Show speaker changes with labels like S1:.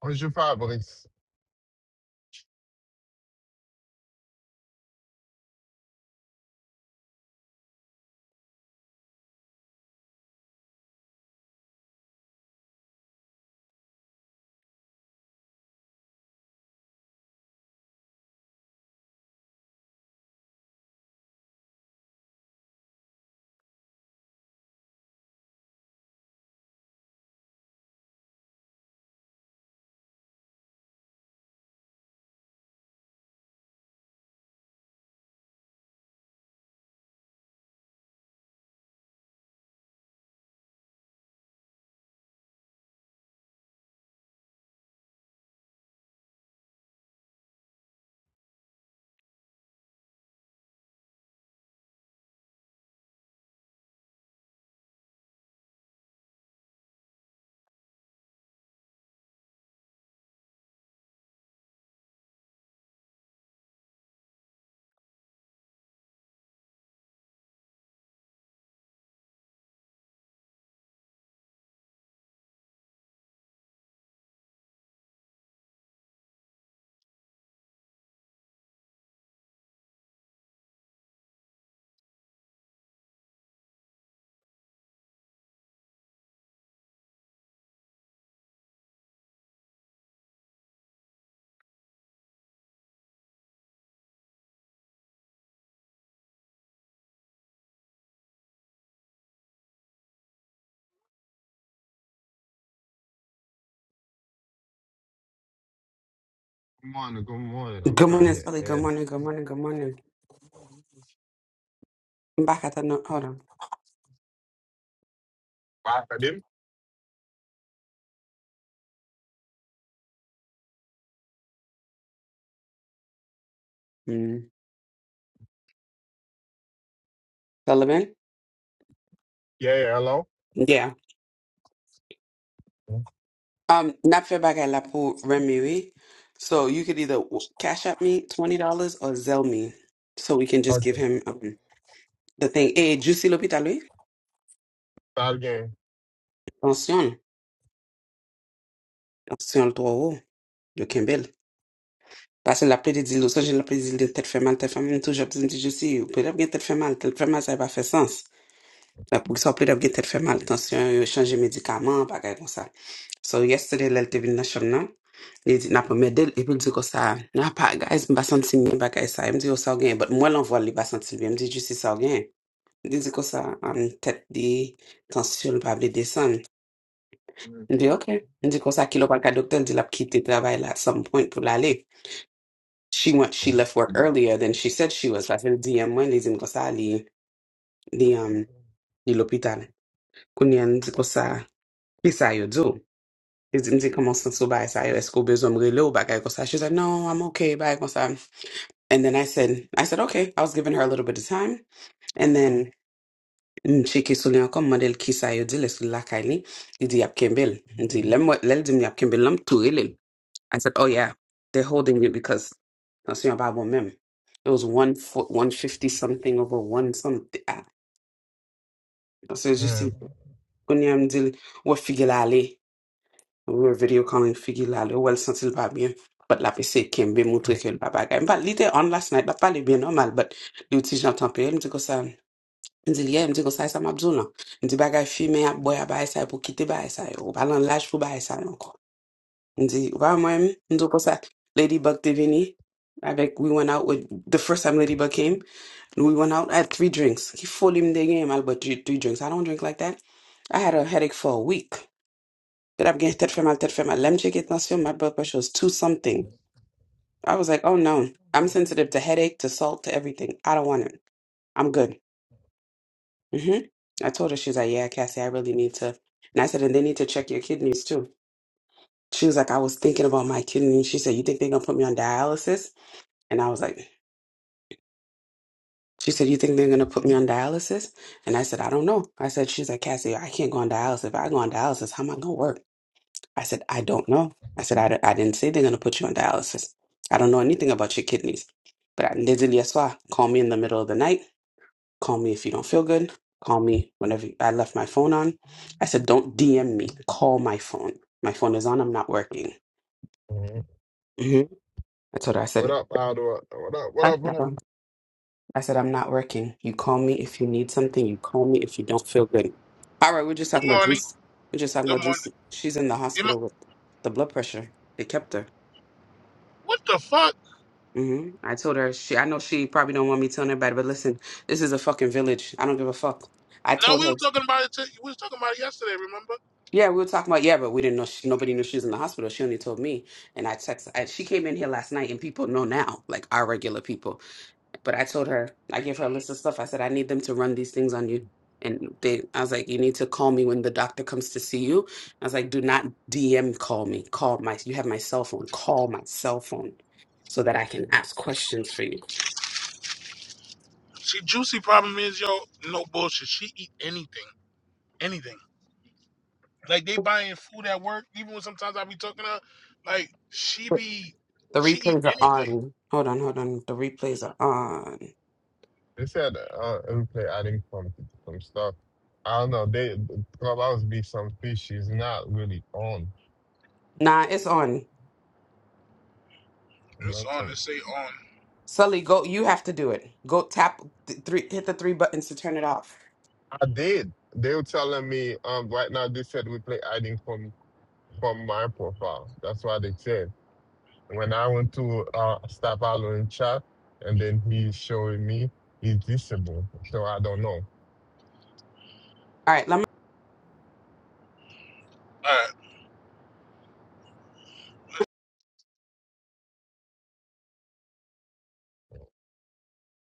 S1: What's your five boys? Good morning, good morning. I'm
S2: Good
S1: trying
S2: morning,
S1: to
S2: Sully. Good
S1: add
S2: morning. Good morning. Good morning. I'm back at the no- hold on.
S1: five of them.
S2: Mm. Sullivan.
S1: Yeah, yeah, hello.
S2: Yeah. Um, not fair back at La Pou Remy. oui? So you could either w- cash at me twenty dollars or Zell me, so we can just
S1: Okay.
S2: give him um, the thing. Hey, Juicy l'hôpital, lui.
S1: Start again.
S2: Attention, attention le trop euro. de Kimbell. Parce que la plaie des îles, ça j'ai la plaie des îles de tête fait mal, tête fait mal, toujours je dis Juicy. Peut-être que tête fait mal, tête fait mal, ça va faire sens. La Pou sa pli dap gen tet fe maltansyon, yo chanje medikaman, bagay kon sa. So yesterday lel te vin nan chom nan, li di nan pou medel, epi li di kon sa, nan pa guys, mba santi mi bagay sa, mdi yo sa ou gen, but mwen l'envol li ba santi mi, mdi ju si sa ou gen. Li di kon sa, am tet di, tansyon l pa vle desan.
S1: Mm.
S2: Mdi ok, mdi kon sa kilo pal ka doktor, di lap kite travay la at some point pou l'ale. She went, she left work earlier than she said she was. La se li di yan mwen, li di m kon sa, li, li, um, li l'opital. Kounyen, di kon sa, ki sa yo do? It didn't take a month since I said, let's go business real back. I go, she said, no, I'm okay. Bye. go, "Sam." And then I said, I said, okay. I was giving her a little bit of time. And then mm, she kissed me. I come, model kiss I did. Let's look like I did. Yap Kimbell. Did lem lel dim yap Kimbell. Lem too ill. I said, oh yeah, they're holding you because I see your Bible mem. It was one foot, one fifty something over one something. Ah, So you see, when I'm deal, what figure I lay? We were video calling Figi Lalo, well, since il va bien. But la PC Kimbe montre que le papa gagne. But l'idée on last night, papa est bien normal, but le petit j'entends peu, il me dit que ça, il me dit, yeah, il me dit que ça, ça m'a besoin, là. Il me dit, bagay fumé, à boy, à baye ça, pour quitter baye ça, yo. ou pas l'âge pour baye ça, encore. Il me dit, ouais, moi, il me dit que ça, Ladybug t'es venu, avec, we went out with, the first time Ladybug came, we went out, I had three drinks. He fully me dégaine, mal, but three three drinks. I don't drink like that. I had a headache for a week that I'm getting terfem al terfem al lemche get nasio. My blood pressure was two something. I was like, oh no, I'm sensitive to headache, to salt, to everything. I don't want it. I'm good. hmm I told her she's like, yeah, Cassie, I really need to. And I said, and they need to check your kidneys too. She was like, I was thinking about my kidneys. She said, you think they're gonna put me on dialysis? And I was like, she said, you think they're gonna put me on dialysis? And I said, I don't know. I said, she's like, Cassie, I can't go on dialysis. If I go on dialysis, how am I gonna work? I said, I don't know. I said, I, don't- I didn't say they're going to put you on dialysis. I don't know anything about your kidneys. But I literally, that's why. Call me in the middle of the night. Call me if you don't feel good. Call me whenever you- I left my phone on. I said, don't DM me. Call my phone. My phone is on. I'm not working. hmm I told her, I
S1: What
S2: said,
S1: up, Aldo? What up, what
S2: "That's
S1: up, what
S2: not
S1: up?
S2: wrong." I said, I'm not working. You call me if you need something. You call me if you don't feel good. All right, we're just
S3: Good
S2: talking about
S3: morning.
S2: juice. We're just talking
S3: Good
S2: about
S3: morning.
S2: juice. She's in the
S3: Am
S2: hospital
S3: I-
S2: with the blood pressure. They kept her.
S3: what the fuck?
S2: hmm I told her she. I know she probably don't want me telling everybody, but listen, this is a fucking village. I don't give a fuck. I
S3: Now
S2: told
S3: we were
S2: her.
S3: talking about it. T- we was talking about it yesterday. Remember?
S2: Yeah, we were talking about yeah, but we didn't know she, nobody knew she was in the hospital. She only told me, and I text. I, she came in here last night, and people know now, like our regular people. But I told her, I gave her a list of stuff. I said I need them to run these things on you, and they. I was like, you need to call me when the doctor comes to see you. I was like, do not DM call me. Call my. You have my cell phone. Call my cell phone so that I can ask questions for you
S3: See, juicy problem is yo, no bullshit. She eat anything, anything. Like they buying food at work. Even when sometimes I be talking to her, like she
S2: Wait,
S3: be,
S2: The
S3: she eat
S2: replays are
S3: anything.
S2: on. Hold on, hold on. The replays are on.
S1: They said uh we play adding from some stuff. I don't know, they the clubhouse be some fish she's not really on.
S2: Nah, it's on.
S3: It's
S1: Doing
S3: on.
S1: some
S3: It say on.
S2: Sully, go. You have to do it. Go tap th- three. Hit the three buttons to turn it off.
S1: I did. They were telling me um right now they said we play adding from from my profile. That's what they said. when I went to uh, start following chat, and then he's showing me he's disabled. So I don't know.
S2: All right, let me.
S3: All right.